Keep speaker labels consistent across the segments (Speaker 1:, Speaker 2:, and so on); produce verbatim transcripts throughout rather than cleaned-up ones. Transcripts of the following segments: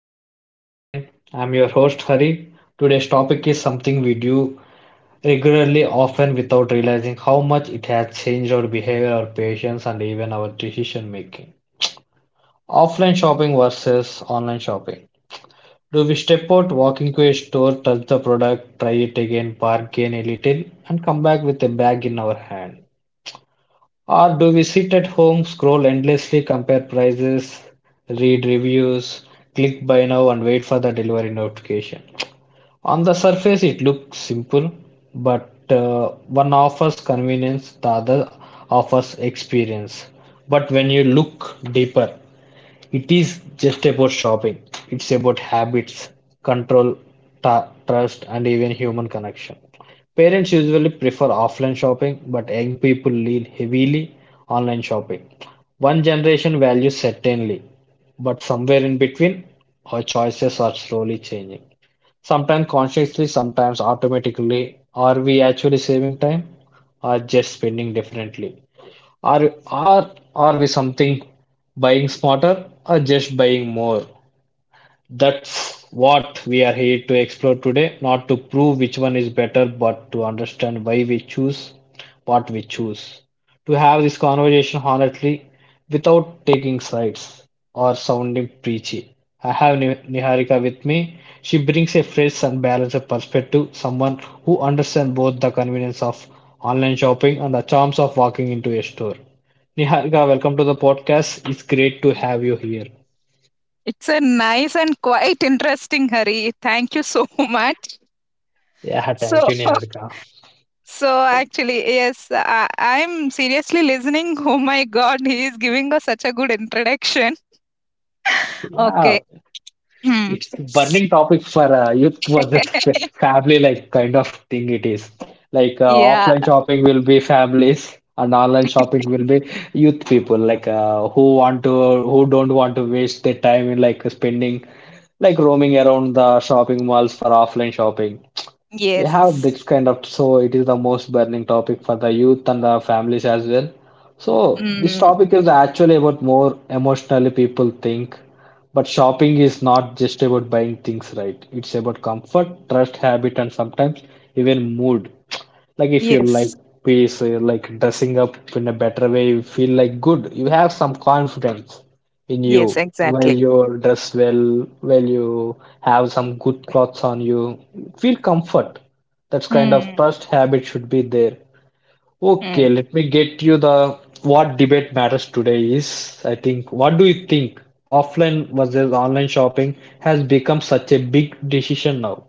Speaker 1: the podcast again. I'm your host Hari. Today's topic is something we do regularly, often without realizing how much it has changed our behavior, our patience, and even our decision making. Offline shopping versus online shopping. Do we step out, walk into a store, touch the product, try it again, bargain a little, and come back with a bag in our hand? Or do we sit at home, scroll endlessly, compare prices, read reviews, click buy now, and wait for the delivery notification? On the surface, it looks simple, but uh, one offers convenience, the other offers experience. But when you look deeper, it is just about shopping, it's about habits, control, ta trust, and even human connection. Parents usually prefer offline shopping, but young people lean heavily online shopping. One generation values certainly, but somewhere in between, our choices are slowly changing. Sometimes consciously, sometimes automatically. Are we actually saving time or just spending differently? Are, are, are we something buying smarter or just buying more? That's what we are here to explore today, not to prove which one is better, but to understand why we choose what we choose. To have this conversation honestly, without taking sides or sounding preachy. I have Ni- Niharika with me. She brings a fresh and balanced perspective, someone who understands both the convenience of online shopping and the charms of walking into a store. Niharika, welcome to the podcast. It's great to have you here.
Speaker 2: It's a nice and quite interesting, Hari. Thank you so much.
Speaker 1: Yeah,
Speaker 2: So,
Speaker 1: thank you, Niharika.
Speaker 2: so actually, yes, I, I'm seriously listening. Oh my God, he is giving us such a good introduction.
Speaker 1: Yeah,
Speaker 2: Okay. Hmm.
Speaker 1: it's a
Speaker 2: S-
Speaker 1: burning topic for uh, youth versus fa- family like kind of thing it is. Like uh,
Speaker 2: yeah.
Speaker 1: offline shopping will be families and online shopping will be youth people like uh, who want to who don't want to waste their time in like spending like roaming around the shopping malls for offline shopping. We have
Speaker 2: Yes.
Speaker 1: this kind of, so it is the most burning topic for the youth and the families as well. So this
Speaker 2: Mm,
Speaker 1: topic is actually about more emotionally people think, but shopping is not just about buying things, right? It's about comfort, trust, habit, and sometimes even mood. Like if you
Speaker 2: yes.
Speaker 1: like peace, uh, like dressing up in a better way, you feel like good, you have some confidence in
Speaker 2: Yes.
Speaker 1: you while
Speaker 2: Exactly.
Speaker 1: you dress well while you have some good clothes on you feel comfort, that's kind of
Speaker 2: Hmm.
Speaker 1: trust habit should be there.
Speaker 2: Hmm.
Speaker 1: Okay, let me get you the what debate matters today is, I think, what do you think? Offline versus online shopping has become such a big decision now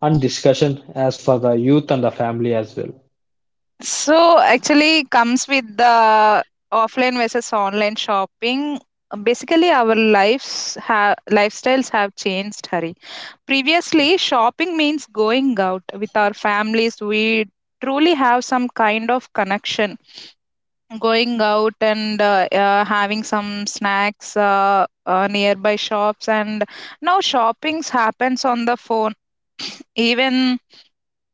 Speaker 1: and discussion as for the youth and the family as well.
Speaker 2: So actually, comes with the offline versus online shopping. Basically, our lives have lifestyles have changed, Hari. Previously, shopping means going out with our families. We truly have some kind of connection. Going out and uh, uh, having some snacks uh, uh, nearby shops, and now shopping's happens on the phone. Even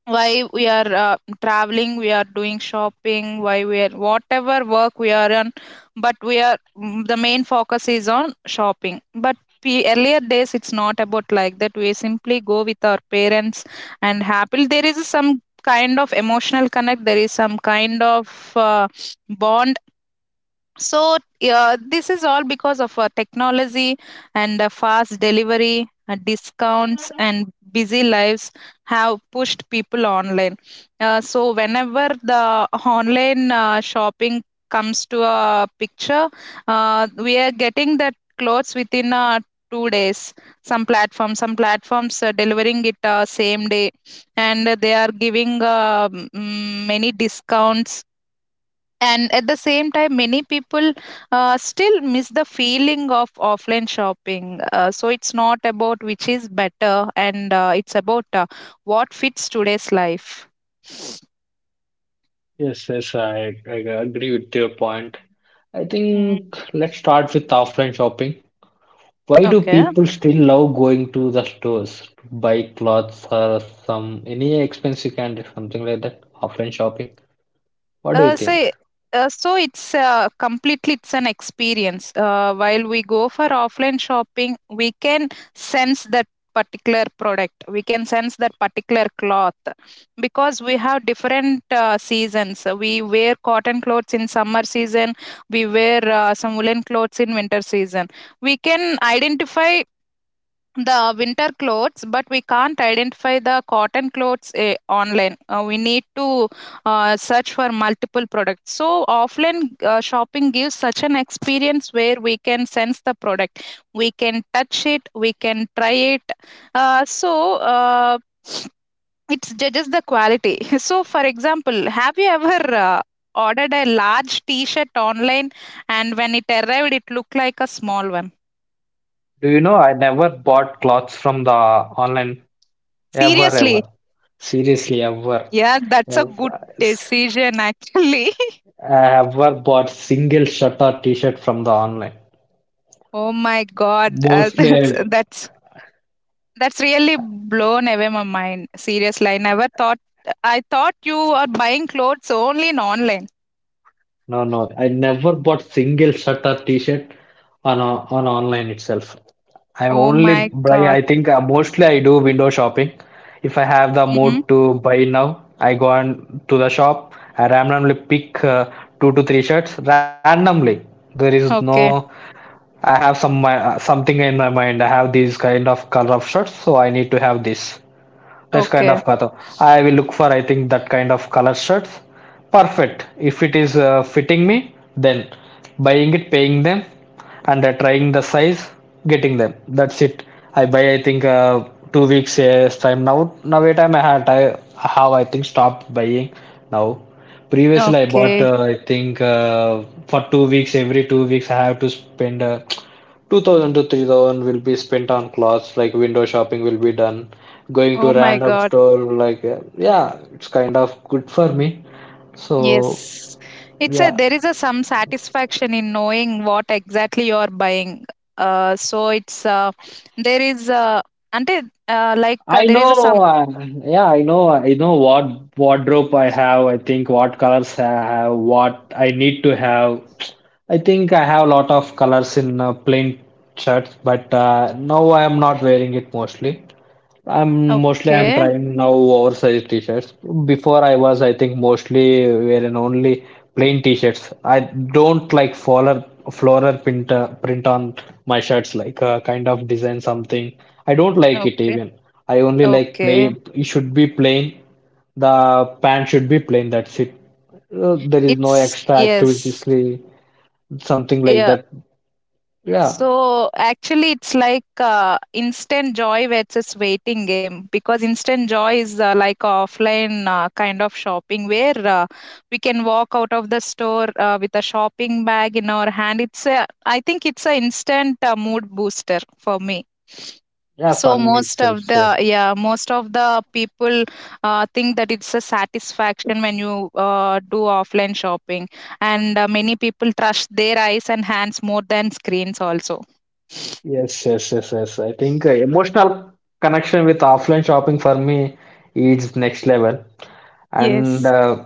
Speaker 2: why we are uh, traveling we are doing shopping, why we are whatever work we are on, but we are mm, the main focus is on shopping. But pe- earlier days it's not about like that. We simply go with our parents and happily there is some kind of emotional connect, there is some kind of uh, bond. So, yeah, this is all because of uh, technology and uh, fast delivery, uh, discounts, and busy lives have pushed people online. Uh, so, whenever the online uh, shopping comes to a picture, uh, we are getting that clothes within uh, two days. Some platforms, some platforms are delivering it uh, same day, and they are giving uh, m- many discounts. And at the same time many people uh, still miss the feeling of offline shopping. Uh, so it's not about which is better, and uh, it's about uh, what fits today's life.
Speaker 1: Yes, yes, I, I agree with your point. I
Speaker 2: Mm,
Speaker 1: think let's start with offline shopping. Why do
Speaker 2: okay.
Speaker 1: people still love going to the stores to buy clothes or some any expensive candy, something like that? Offline shopping. What do you
Speaker 2: Uh, so,
Speaker 1: think?
Speaker 2: i- uh, so it's uh, completely it's an experience. Uh, while we go for offline shopping, we can sense that particular product. We can sense that particular cloth because we have different uh, seasons. Uh, We wear cotton clothes in summer season. We wear uh, some woolen clothes in winter season. We can identify the winter clothes, but we can't identify the cotton clothes. Eh, online uh, we need to uh, search for multiple products. So offline uh, shopping gives such an experience where we can sense the product, we can touch it, we can try it. uh, so uh, it judges the quality. So for example, have you ever uh, ordered a large t-shirt online, and when it arrived it looked like a small one?
Speaker 1: Do you know I never bought clothes from the online ever
Speaker 2: Seriously.
Speaker 1: ever. Seriously, ever.
Speaker 2: Yeah, that's a good
Speaker 1: Ever.
Speaker 2: decision actually.
Speaker 1: I ever bought single shirt or t-shirt from the online.
Speaker 2: Oh my god, uh, that's
Speaker 1: Mostly.
Speaker 2: that's that's really blown away my mind. Seriously, I never thought. I thought you are buying clothes only in online.
Speaker 1: No, no, I never bought single shirt or t-shirt on o- on online itself. I
Speaker 2: Oh
Speaker 1: only
Speaker 2: my
Speaker 1: buy,
Speaker 2: god.
Speaker 1: I think, uh, mostly I do window shopping. If I have the
Speaker 2: Mm-hmm.
Speaker 1: mood to buy now, I go on to the shop. I randomly pick uh, two to three shirts randomly. There is no,
Speaker 2: Okay.
Speaker 1: I have some uh, something in my mind. I have these kind of color of shirts, so I need to have this. That's kind
Speaker 2: Okay.
Speaker 1: of kata. I will look for, I think, that kind of color shirts. Perfect. If it is uh, fitting me, then buying it, paying them, and uh, trying the size, getting them. That's it. I buy, I think, uh, two weeks yes, time now. Now, wait, time I had, I have, I think, stopped buying now. Previously, I bought,
Speaker 2: Okay.
Speaker 1: uh, I think, uh, for two weeks, every two weeks, I have to spend. Uh, Two thousand to three thousand will be spent on clothes, like window shopping will be done, going
Speaker 2: Oh
Speaker 1: to
Speaker 2: my
Speaker 1: random
Speaker 2: god.
Speaker 1: store, like uh, yeah, it's kind of good for me. So
Speaker 2: Yes. It's a
Speaker 1: yeah,
Speaker 2: there is a some satisfaction in knowing what exactly you are buying. Uh, so it's uh, there is uh, ante uh, like uh,
Speaker 1: I
Speaker 2: there is a some
Speaker 1: know, uh, yeah, I know, I know what wardrobe I have. I think what colors I have, what I need to have. I think I have a lot of colors in uh, plain shirts, but uh, now I am not wearing it mostly. I'm mostly I'm
Speaker 2: okay.
Speaker 1: trying now oversized t-shirts. Before I was, I think, mostly wearing only plain t-shirts. I don't like floral floral print uh, print on my shirts, like uh, kind of design something. I don't like it
Speaker 2: Okay.
Speaker 1: even. I only like
Speaker 2: Okay.
Speaker 1: plain. It should be plain. The pant should be plain. That's it. Uh, there is no
Speaker 2: It's
Speaker 1: extra
Speaker 2: yes.
Speaker 1: activities, li- something like
Speaker 2: Yeah.
Speaker 1: that. Yeah,
Speaker 2: So actually, it's like uh, instant joy versus waiting game, because instant joy is uh, like a offline uh, kind of shopping where uh, we can walk out of the store uh, with a shopping bag in our hand. It's a, I think it's an instant uh, mood booster for me.
Speaker 1: yeah.
Speaker 2: So
Speaker 1: For me,
Speaker 2: most
Speaker 1: itself,
Speaker 2: of the,
Speaker 1: same.
Speaker 2: yeah, most of the people uh, think that it's a satisfaction when you uh, do offline shopping, and uh, many people trust their eyes and hands more than screens also.
Speaker 1: Yes, yes, yes, yes. I think uh, emotional connection with offline shopping for me is next level. And
Speaker 2: Yes.
Speaker 1: uh,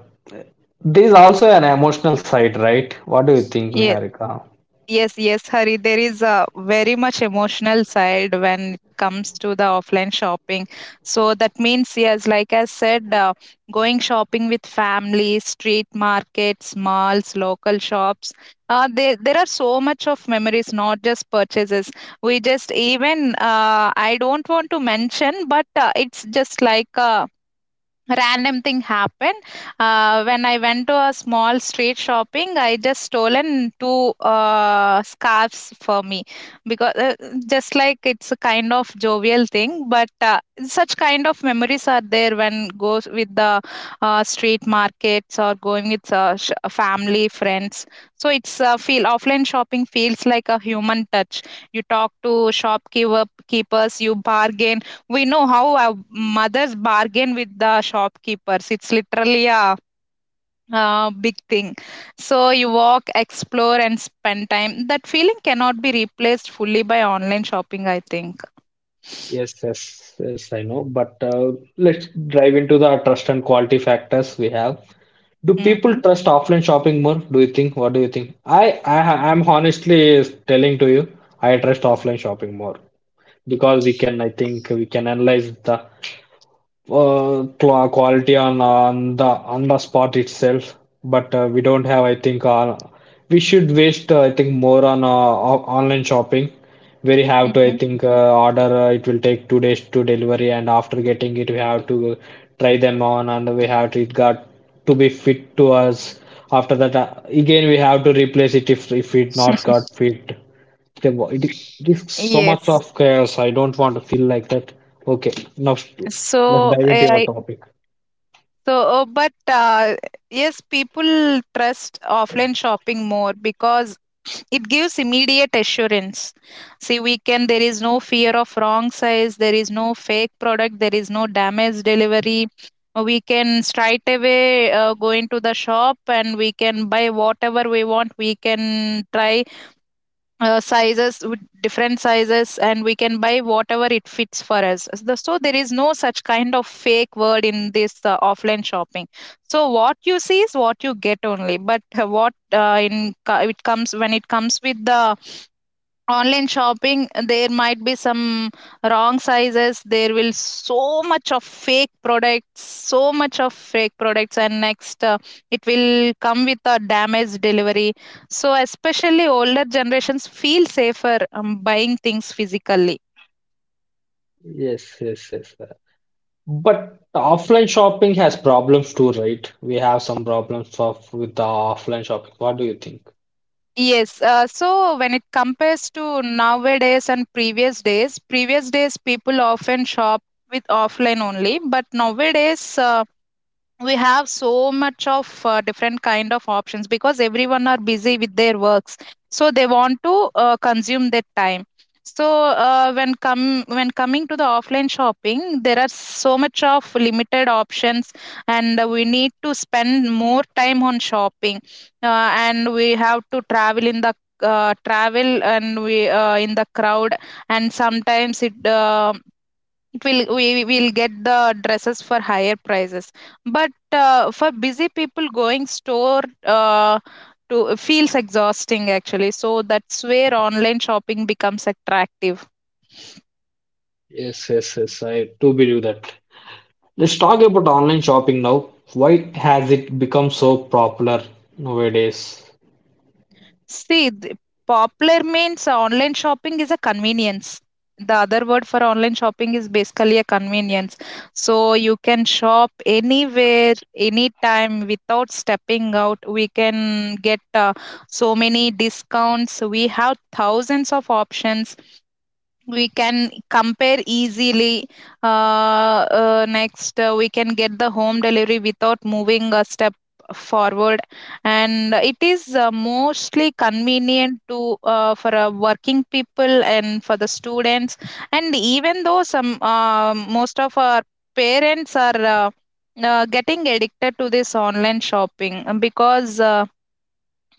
Speaker 1: there's also an emotional side, right? What do you think,
Speaker 2: Yes.
Speaker 1: Niharika?
Speaker 2: Yes, yes, Hari. There is a very much emotional side when it comes to the offline shopping. So that means, yes, like I said, uh, going shopping with family, street markets, malls, local shops. Uh, there, there are so much of memories, not just purchases. We just even uh, I don't want to mention, but uh, it's just like a random thing happened. Uh, when I went to a small street shopping, I just stolen two uh, scarves for me because uh, just like it's a kind of jovial thing, but uh, such kind of memories are there when goes with the uh, street markets, or going with uh, sh- family friends. So it's uh, feel offline shopping feels like a human touch. You talk to shopkeeper keepers, you bargain. We know how our mothers bargain with the shopkeepers. It's literally a uh, big thing. So you walk, explore, and spend time. That feeling cannot be replaced fully by online shopping, I think.
Speaker 1: Yes, yes, yes, I know. But uh, let's dive into the trust and quality factors we have. Do people
Speaker 2: Mm-hmm.
Speaker 1: trust offline shopping more? Do you think? What do you think? I, I, I'm honestly telling to you, I trust offline shopping more because we can, I think, we can analyze the uh, qua- quality on on the on the spot itself. But uh, we don't have. I think uh, we should waste. Uh, I think more on uh, o- online shopping. Where you have to, I
Speaker 2: Mm-hmm.
Speaker 1: think, uh, order. Uh, it will take two days to delivery, and after getting it, we have to try them on, and we have to it got to be fit to us. After that, uh, again, we have to replace it if if it not got fit. The wo- It risks so much
Speaker 2: Yes.
Speaker 1: of chaos. I don't want to feel like that. Okay, now st- let's
Speaker 2: So
Speaker 1: dive
Speaker 2: yeah,
Speaker 1: into our
Speaker 2: I
Speaker 1: topic.
Speaker 2: so uh, but uh, yes, people trust offline shopping more because it gives immediate assurance. See, we can, there is no fear of wrong size, there is no fake product, there is no damaged delivery. We can straight away uh, go into the shop and we can buy whatever we want. We can try uh, sizes with different sizes and we can buy whatever it fits for us. As the- so there is no such kind of fake word in this uh, offline shopping. So what you see is what you get only. But uh, what uh, in co- it comes when it comes with the online shopping, there might be some wrong sizes, there will so much of fake products, so much of fake products. And next uh, it will come with a damaged delivery. So especially older generations feel safer, um, buying things physically.
Speaker 1: Yes, yes, yes. uh, But offline shopping has problems too, right? We have some problems of with the offline shopping. What do you think?
Speaker 2: Yes uh, so when it compares to nowadays and previous days, previous days people often shop with offline only. But nowadays uh, we have so much of uh, different kind of options because everyone are busy with their works, so they want to uh, consume their time. So uh, when come when coming to the offline shopping there are so much of limited options, and uh, we need to spend more time on shopping. Uh, and we have to travel in the uh, travel and we uh, in the crowd. And sometimes it uh, it will, we will get the dresses for higher prices, but uh, for busy people going store uh, to feels exhausting actually. So that's where online shopping becomes attractive.
Speaker 1: Yes, yes, yes. I do believe that. Let's talk about online shopping now. Why has it become so popular nowadays?
Speaker 2: See, the popular means online shopping is a convenience. The other word for online shopping is basically a convenience. So you can shop anywhere, anytime without stepping out. We can get uh, so many discounts. We have thousands of options, we can compare easily. Uh, uh, next uh, We can get the home delivery without moving a step forward. And it is uh, mostly convenient to uh, for uh, working people and for the students. And even though some uh, most of our parents are uh, uh, getting addicted to this online shopping uh, because uh,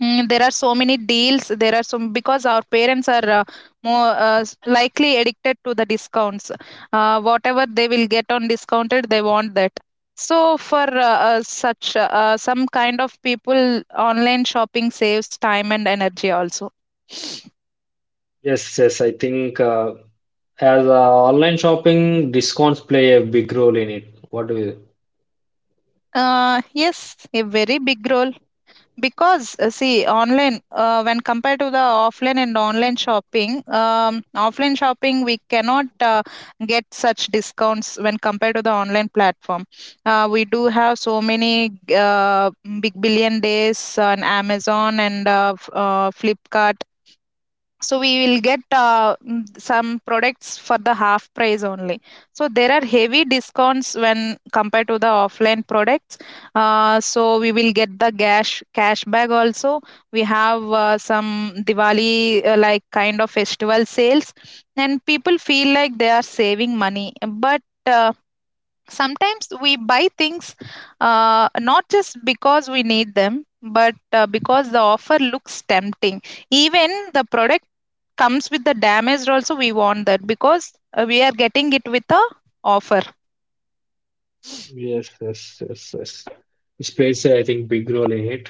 Speaker 2: Mm, there are so many deals. There are some, because our parents are uh, more uh, s- likely addicted to the discounts. Uh, whatever they will get on discounted, they want that. So for uh, uh, such uh, uh, some kind of people, online shopping saves time and energy also.
Speaker 1: Yes, yes, I think uh, as uh, online shopping, discounts play a big role in it. What do you?
Speaker 2: Uh, yes, a very big role. Because uh, see, online, uh, when compared to the offline and online shopping, um, offline shopping we cannot uh, get such discounts when compared to the online platform. Uh, we do have so many uh, big billion days on Amazon and uh, f- uh, Flipkart. So we will get uh, mm, some products for the half price only. So there are heavy discounts when compared to the offline products. Uh, so we will get the cash cashback also. We have uh, some Diwali uh, like kind of festival sales, and people feel like they are saving money. But uh, sometimes we buy things uh, not just because we need them, but uh, because the offer looks tempting. Even the product comes with the damage, also, we want that because uh, we are getting it with a offer.
Speaker 1: Yes, yes, yes, yes. It plays, I think, big role in it.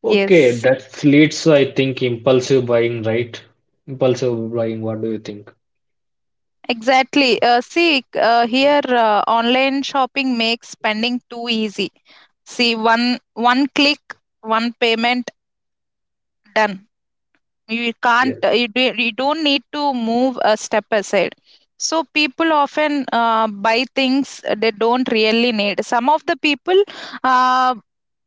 Speaker 1: Okay,
Speaker 2: Yes.
Speaker 1: that leads, to I think, impulsive buying, right? Impulsive buying. What do you think?
Speaker 2: Exactly. Uh, see, uh, here uh, online shopping makes spending too easy. See, one one click, one payment done. You can't uh, you, do, You don't need to move a step aside. So people often uh, buy things they don't really need. Some of the people uh,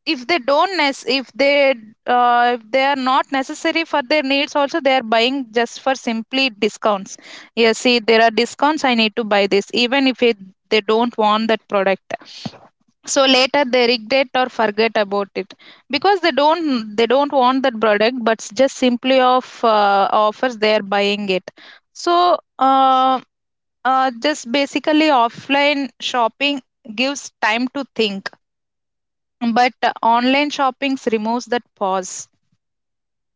Speaker 2: if they don't nec- if they uh, if they are not necessary for their needs also, they are buying just for simply discounts. Yeah, see, there are discounts, I need to buy this. Even if it, they don't want that product, so later they regret or forget about it because they don't they don't want that product, but s- just simply of uh, offers they are buying it. so uh, uh, just basically offline shopping gives time to think, but uh, online shopping removes that pause.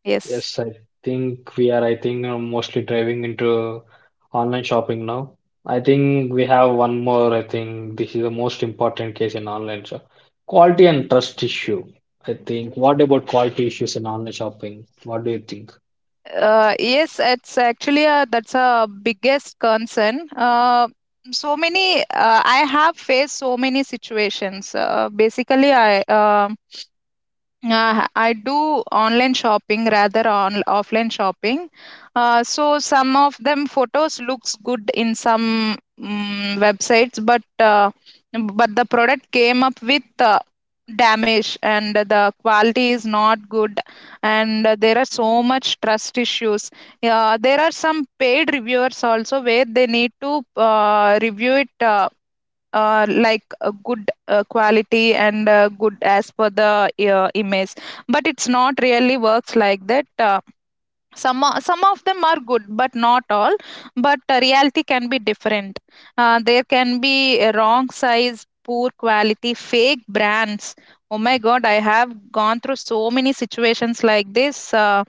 Speaker 2: Yes.
Speaker 1: Yes, I think we are, I think, uh, mostly driving into online shopping now. I think we have one more, I think this is the most important case in online shop. Quality and trust issue. I think, what about quality issues in online shopping? What do you think?
Speaker 2: Uh, yes, it's actually a, that's a biggest concern. Uh, so many uh, I have faced so many situations. Uh, basically I um Uh, I do online shopping rather on offline shopping. Uh, so some of them photos looks good in some mm websites, but uh, but the product came up with uh, damage and the quality is not good, and uh, there are so much trust issues. Uh, there are some paid reviewers also where they need to uh, review it. Uh, uh, like a good uh, quality and uh, good as per the uh, image, but it's not really works like that. Uh, some o- some of them are good but not all, but uh, reality can be different. Uh, there can be a wrong size, poor quality, fake brands. Oh my god, I have gone through so many situations like this uh,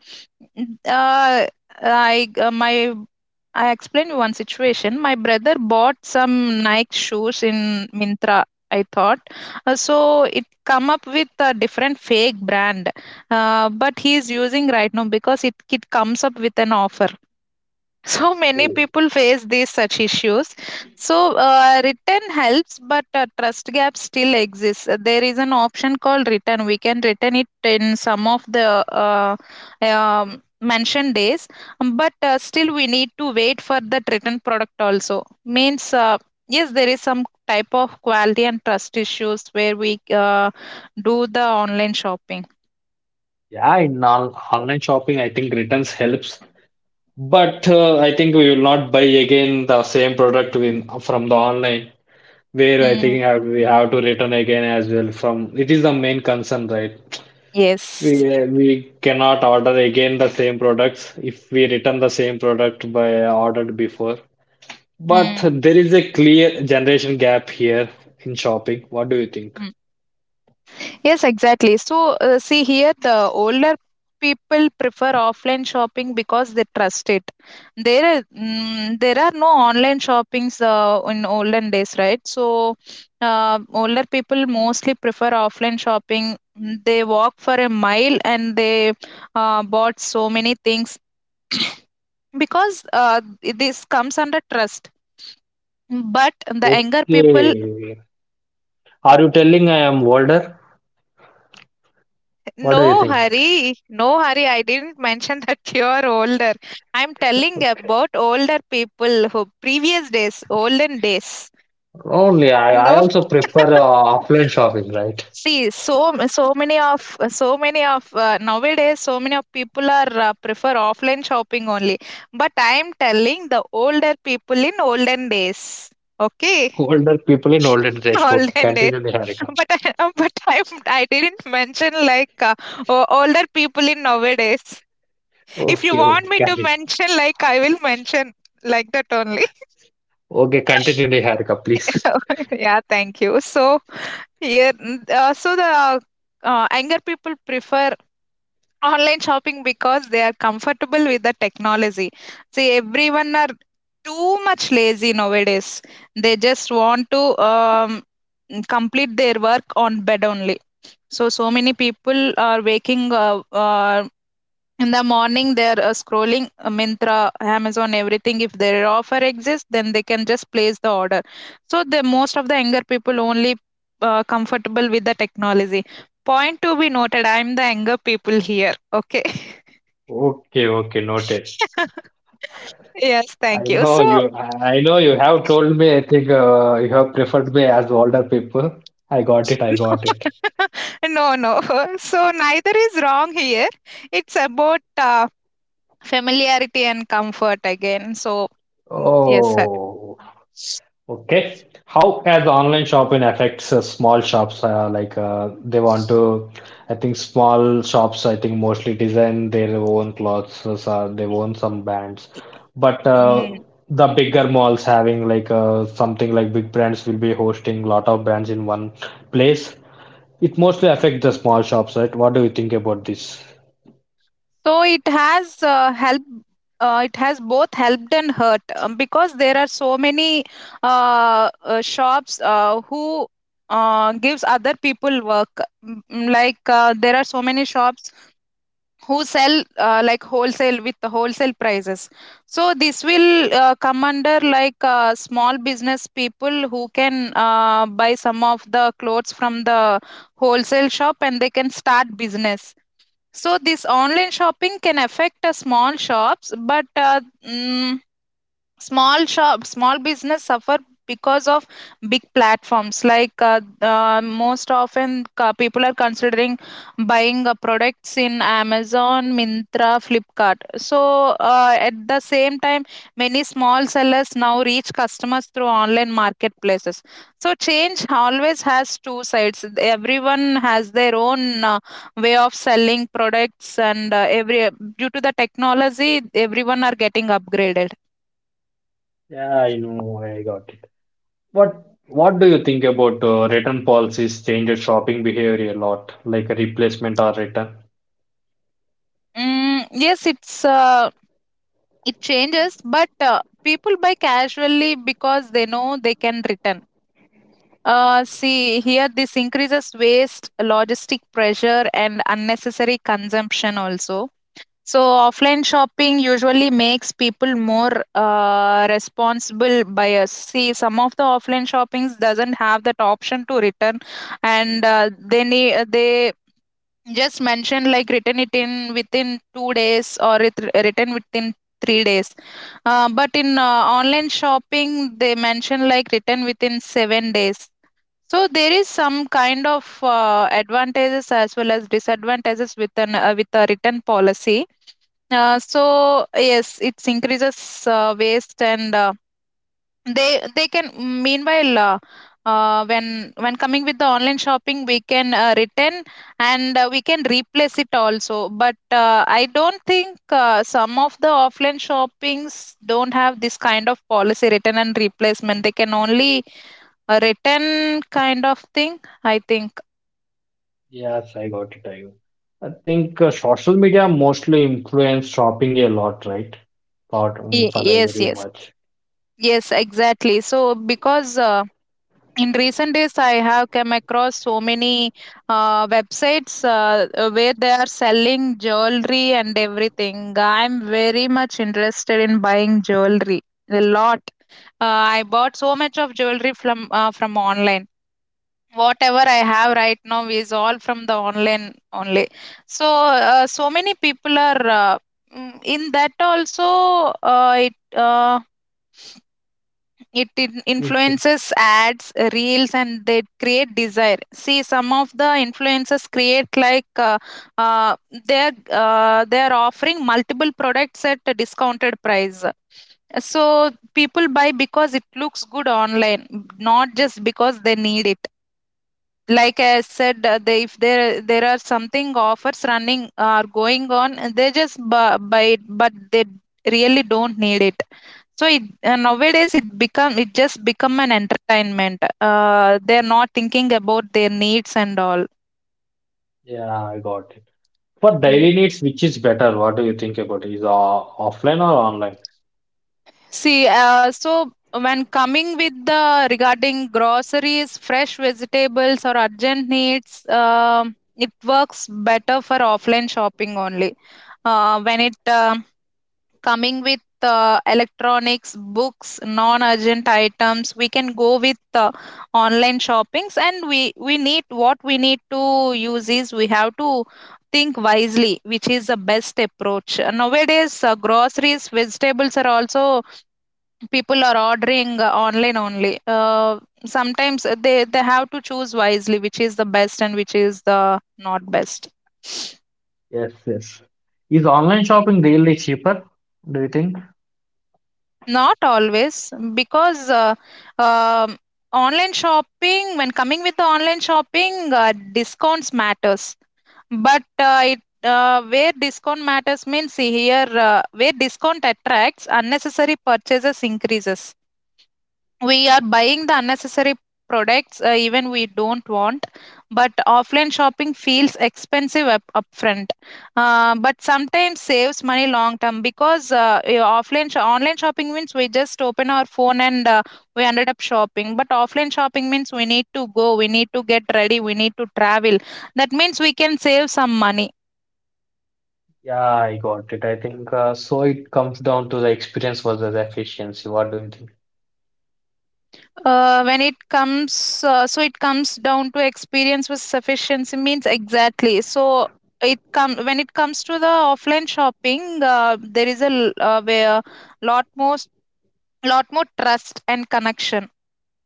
Speaker 2: n- uh, i uh, my i explained you one situation. My brother bought some Nike shoes in mintra I thought. Uh, so it come up with a different fake brand. Uh, but he is using right now because it, it comes up with an offer. So many
Speaker 1: Oh.
Speaker 2: people face these such issues. So uh, written helps, but uh, trust gap still exists. Uh, there is an option called return, we can return it in some of the uh, um, mentioned days. Um, but uh, still we need to wait for that return product also means, uh, yes, there is some type of quality and trust issues where we uh, do the online shopping.
Speaker 1: Yeah, in on online shopping, I think returns helps. But uh, I think we will not buy again the same product in, from the online, where I
Speaker 2: Hmm.
Speaker 1: think have, we have to return again as well. From it is the main concern, right? We
Speaker 2: Yes.
Speaker 1: we cannot order again the same products if we return the same product by ordered before. But
Speaker 2: Mm,
Speaker 1: there is a clear generation gap here in shopping. What do you think?
Speaker 2: mm. Yes, exactly. So, uh, see here, the older people prefer offline shopping because they trust it. There, are- mm, there are no online shoppings uh, in olden days, right? So, uh, older people mostly prefer offline shopping. Mm, they walk for a mile and they uh, bought so many things because uh, this comes under trust. But the younger people.
Speaker 1: Okay. Are you telling I am older? What do you
Speaker 2: No
Speaker 1: think?
Speaker 2: hurry, no hurry. I didn't mention that you're older. I'm telling about older people who previous days, olden days.
Speaker 1: Only I, I
Speaker 2: No,
Speaker 1: also prefer uh, offline shopping, right?
Speaker 2: see, so m- so many of so many of uh, nowadays, so many of people are uh, prefer offline shopping only. But I'm telling the older people in olden days. Okay.
Speaker 1: Older people in older days. Okay,
Speaker 2: Holland. Is.
Speaker 1: continue, Niharika.
Speaker 2: But I, uh, but I, I didn't mention like uh, o- older people in nowadays. If you
Speaker 1: Okay,
Speaker 2: want
Speaker 1: okay,
Speaker 2: me to
Speaker 1: carry.
Speaker 2: mention, like, I will mention like that only.
Speaker 1: Okay, continue, Niharika, please.
Speaker 2: Yeah, thank you. So yeah, n- uh, so the uh, younger people prefer online shopping because they are comfortable with the technology. See, everyone are too much lazy nowadays. They just want to um, complete their work on bed only. So, so many people are waking uh, uh, in the morning, they're uh, scrolling uh, Myntra, Amazon, everything. If their offer exists, then they can just place the order. So, the most of the younger people only uh, comfortable with the technology. Point to be noted, I'm the younger people here. Okay.
Speaker 1: Okay, okay, noted.
Speaker 2: Yes,
Speaker 1: I
Speaker 2: thank you.
Speaker 1: know
Speaker 2: So,
Speaker 1: you. I I know you have told me. I think uh, you have preferred me as older people. I got it. I got it.
Speaker 2: no, no. So, neither is wrong here. It's about uh, familiarity and comfort again. So, mm, yes, sir.
Speaker 1: Oh, okay. How has online shopping affects uh, small shops? Uh, like uh, they want to, I think small shops. I think mostly design their own clothes or they own some brands, but uh,
Speaker 2: Mm.
Speaker 1: the bigger malls having like uh, something like big brands will be hosting lot of brands in one place. It mostly affects the small shops, right? What do you think about this?
Speaker 2: So it has uh, helped. Uh, it has both helped and hurt, um, because there are so many uh, uh, shops uh, who uh, gives other people work. Mm, mm. Like uh, there are so many shops who sell uh, like wholesale, with the wholesale prices, so this will uh, come under like uh, small business people who can uh, buy some of the clothes from the wholesale shop and they can start business. So this online shopping can affect uh, small shops, but uh, mm, small shop, small business suffer because of big platforms. Like uh, uh, most often uh, people are considering buying uh, products in Amazon, mintra flipkart. So uh, at the same time, many small sellers now reach customers through online marketplaces. So change always has two sides. Everyone has their own uh, way of selling products, and uh, every, due to the technology, everyone are getting upgraded.
Speaker 1: Yeah, I know, I got it. What What do you think about uh, return policies changes shopping behavior a lot, like a replacement or return?
Speaker 2: Mm, yes, it's uh, it changes, but uh, people buy casually because they know they can return. Uh, see, here this increases waste, logistic pressure, and unnecessary consumption also. So, offline shopping usually makes people more uh, responsible buyers. See, some of the offline shoppings doesn't have that option to return, and uh, they need they just mention like written it in within two days or it written within three days. Uh, but in uh, online shopping, they mention like written within seven days. So there is some kind of uh, advantages as well as disadvantages with an uh, with a written policy. Uh, so yes, it increases uh, waste, and uh, they they can meanwhile uh, uh, when when coming with the online shopping, we can uh, return, and uh, we can replace it also. But uh, I don't think, uh, some of the offline shoppings don't have this kind of policy return and replacement. They can only a written kind of thing, I think.
Speaker 1: Yes, I got it. I, got it. I think uh, social media mostly influence shopping a lot, right? Lot um,
Speaker 2: Y-
Speaker 1: for
Speaker 2: yes,
Speaker 1: very
Speaker 2: yes.
Speaker 1: much.
Speaker 2: Yes, exactly. So because uh, in recent days I have come across so many uh, websites uh, uh, where they are selling jewelry and everything. I'm very much interested in buying jewelry a lot. Uh, I bought so much of jewelry from uh, from online. Whatever I have right now is all from the online only. So, uh, so many people are uh, mm, in that also. Uh, it uh, it in-
Speaker 1: Okay.
Speaker 2: influences ads, reels, and they create desire. See, some of the influencers create like uh, uh, they're uh, they're offering multiple products at a discounted price. So people buy because it looks good online, not just because they need it. Like I said, uh, they, if there there are something offers running are going on, uh, they just bu- buy it, but they really don't need it. So it uh, nowadays it become it just become an entertainment. Uh, they're not thinking about their needs and all.
Speaker 1: Yeah, I got it. For daily
Speaker 2: Mm.
Speaker 1: needs, which is better? What do you think about it? Is uh, offline or online?
Speaker 2: See, uh, so when coming with the regarding groceries, fresh vegetables, or urgent needs, um it works better for offline shopping only. Uh, when it um coming with uh, electronics, books, non-urgent items, we can go with uh, online shoppings, and we we need what we need to use is, we have to think wisely, which is the best approach. Nowadays, uh, groceries, vegetables are also, people are ordering uh, online only. Uh, sometimes they they have to choose wisely, which is the best and which is the not best.
Speaker 1: Yes, yes. Is online shopping really cheaper, do you think?
Speaker 2: Not always, because uh, um online shopping, when coming with the online shopping, uh, discounts matters. But uh, it uh, where discount matters means, see here, uh, where discount attracts unnecessary purchases increases, we are buying the unnecessary products uh, even we don't want. But offline shopping feels expensive up upfront, uh, but sometimes saves money long term, because uh, your offline sho- online shopping means we just open our phone and uh, we ended up shopping. But offline shopping means we need to go, we need to get ready, we need to travel, that means we can save some money.
Speaker 1: Yeah, I got it. I think uh, so it comes down to the experience versus efficiency. What do you think?
Speaker 2: Uh, when it comes uh, so it comes down to experience with sufficiency means, exactly. So it come when it comes to the offline shopping, uh, there is a l- uh, where lot more lot more trust and connection.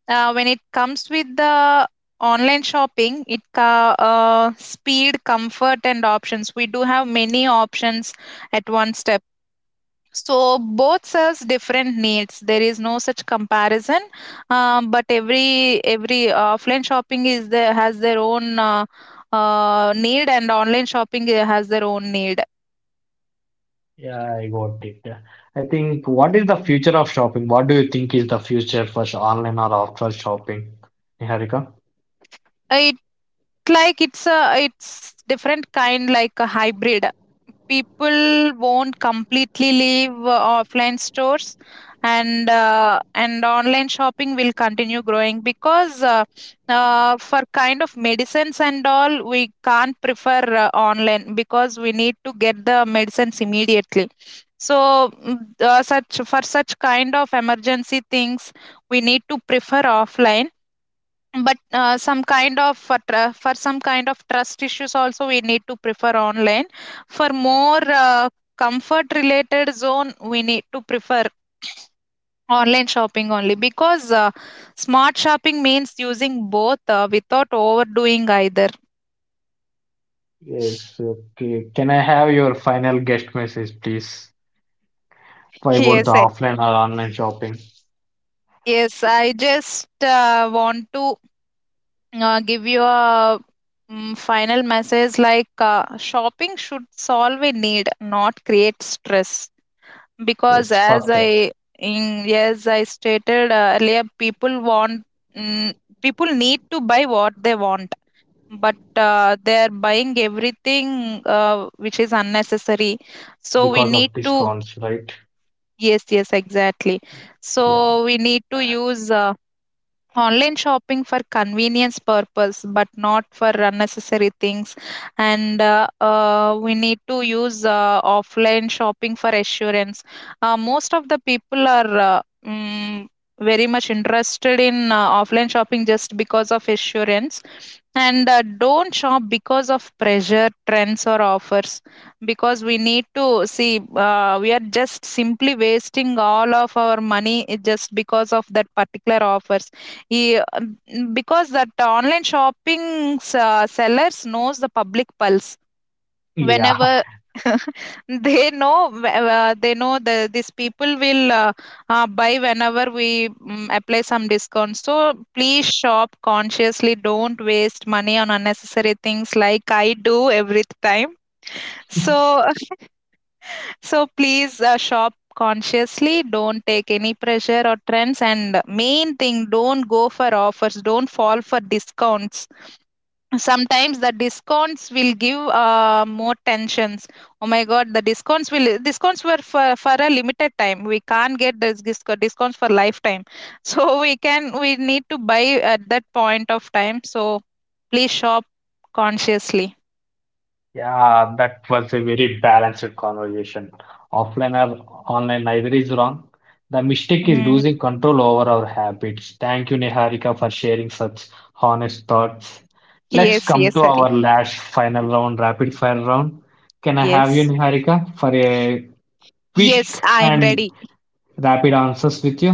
Speaker 2: Uh, when it comes with the online shopping, it ca- uh, speed, comfort, and options, we do have many options at one step. So both serves different needs. There is no such comparison, um, but every every uh, offline shopping is, there has their own uh, uh, need, and online shopping uh, has their own need.
Speaker 1: Yeah, I got it. Yeah. I think what is the future of shopping? What do you think is the future for sh- online or offline shopping, Niharika?
Speaker 2: Uh, like it's a, it's different kind, like a hybrid. People won't completely leave uh, offline stores, and uh, and online shopping will continue growing, because uh, uh, for kind of medicines and all, we can't prefer uh, online, because we need to get the medicines immediately. So mm, uh, such for such kind of emergency things, we need to prefer offline. But uh, some kind of for, tr- for some kind of trust issues also, we need to prefer online. For more uh, comfort related zone, we need to prefer online shopping only, because uh, smart shopping means using both uh, without overdoing either.
Speaker 1: Yes, okay. Can I have your final guest message, please? For about the
Speaker 2: Yes, eh.
Speaker 1: offline or online shopping?
Speaker 2: Yes, I just uh, want to uh, give you a mm, final message like, uh, shopping should solve a need, not create stress. Because
Speaker 1: Yes,
Speaker 2: as
Speaker 1: perfect.
Speaker 2: I, in, yes, I stated uh, earlier, people want, mm, people need to buy what they want, but uh, they are buying everything uh, which is unnecessary, so we
Speaker 1: Because of
Speaker 2: need to.
Speaker 1: discounts, right?
Speaker 2: Yes, yes, exactly.
Speaker 1: Yeah.
Speaker 2: So we need to use uh, online shopping for convenience purpose, but not for unnecessary things. And uh, uh, we need to use uh, offline shopping for assurance. Uh, most of the people are uh, mm, very much interested in uh, offline shopping just because of assurance. And uh, don't shop because of pressure, trends, or offers, because we need to see, uh, we are just simply wasting all of our money i- just because of that particular offers. He- um, because that online shopping, s- uh, sellers knows the public pulse.
Speaker 1: Yeah.
Speaker 2: Whenever they know wh- uh, they know the these people will uh, uh, buy whenever we mm, apply some discount. So please shop consciously, don't waste money on unnecessary things like I do every time. So so please uh, shop consciously, don't take any pressure or trends, and main thing, don't go for offers, don't fall for discounts. Sometimes the discounts will give uh, more tensions. Oh my god, the discounts will, discounts were for, for a limited time, we can't get this disco- discounts for lifetime. So we can, we need to buy at that point of time. So please shop consciously.
Speaker 1: Yeah, that was a very balanced conversation. Offline or online, neither is wrong. The mistake is
Speaker 2: Mhm.
Speaker 1: losing control over our habits. Thank you, Niharika, for sharing such honest thoughts. Let's
Speaker 2: Yes,
Speaker 1: come
Speaker 2: yes,
Speaker 1: to
Speaker 2: Hari.
Speaker 1: our last final round, rapid fire round. Can I have you,
Speaker 2: Yes,
Speaker 1: Niharika, for a
Speaker 2: yes,
Speaker 1: quick
Speaker 2: I'm
Speaker 1: and
Speaker 2: ready.
Speaker 1: rapid answers with you?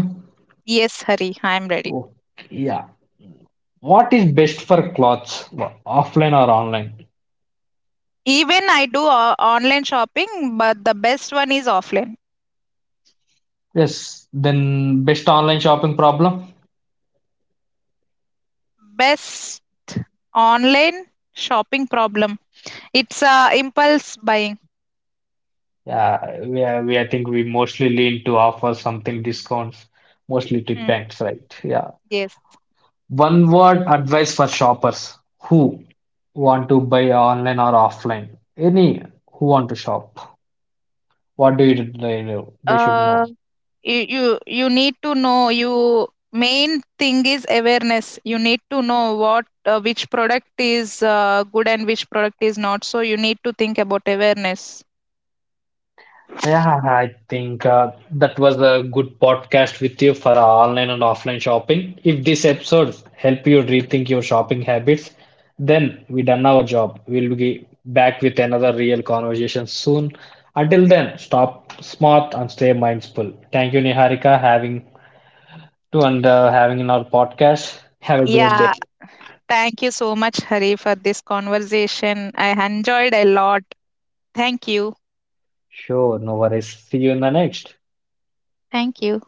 Speaker 2: Yes, Hari, I'm ready.
Speaker 1: Okay, yeah. What is best for clothes, offline or online?
Speaker 2: Even I do uh, online shopping, but the best one is offline.
Speaker 1: Yes, then best online shopping problem?
Speaker 2: Best online shopping problem. It's, uh, impulse buying.
Speaker 1: Yeah, we, are- we I think we mostly lean to offer something discounts, mostly to
Speaker 2: Mm,
Speaker 1: banks, right? Yeah.
Speaker 2: yes.
Speaker 1: One word advice for shoppers who want to buy online or offline. Any who want to shop. What do you they do? They should
Speaker 2: Uh,
Speaker 1: know.
Speaker 2: you you you need to know, you main thing is awareness. You need to know what uh, which product is uh, good and which product is not. So you need to think about awareness.
Speaker 1: Yeah, I think uh, that was a good podcast with you for uh, online and offline shopping. If this episode help you rethink your shopping habits, then we done our job. We'll be back with another real conversation soon. Until then, stop smart and stay mindful. Thank you, Niharika, having to and uh, having in our podcast. Have a great day.
Speaker 2: Yeah, thank you so much, Hari, for this conversation. I enjoyed a lot. Thank you.
Speaker 1: Sure, no worries. See you in the next.
Speaker 2: Thank you.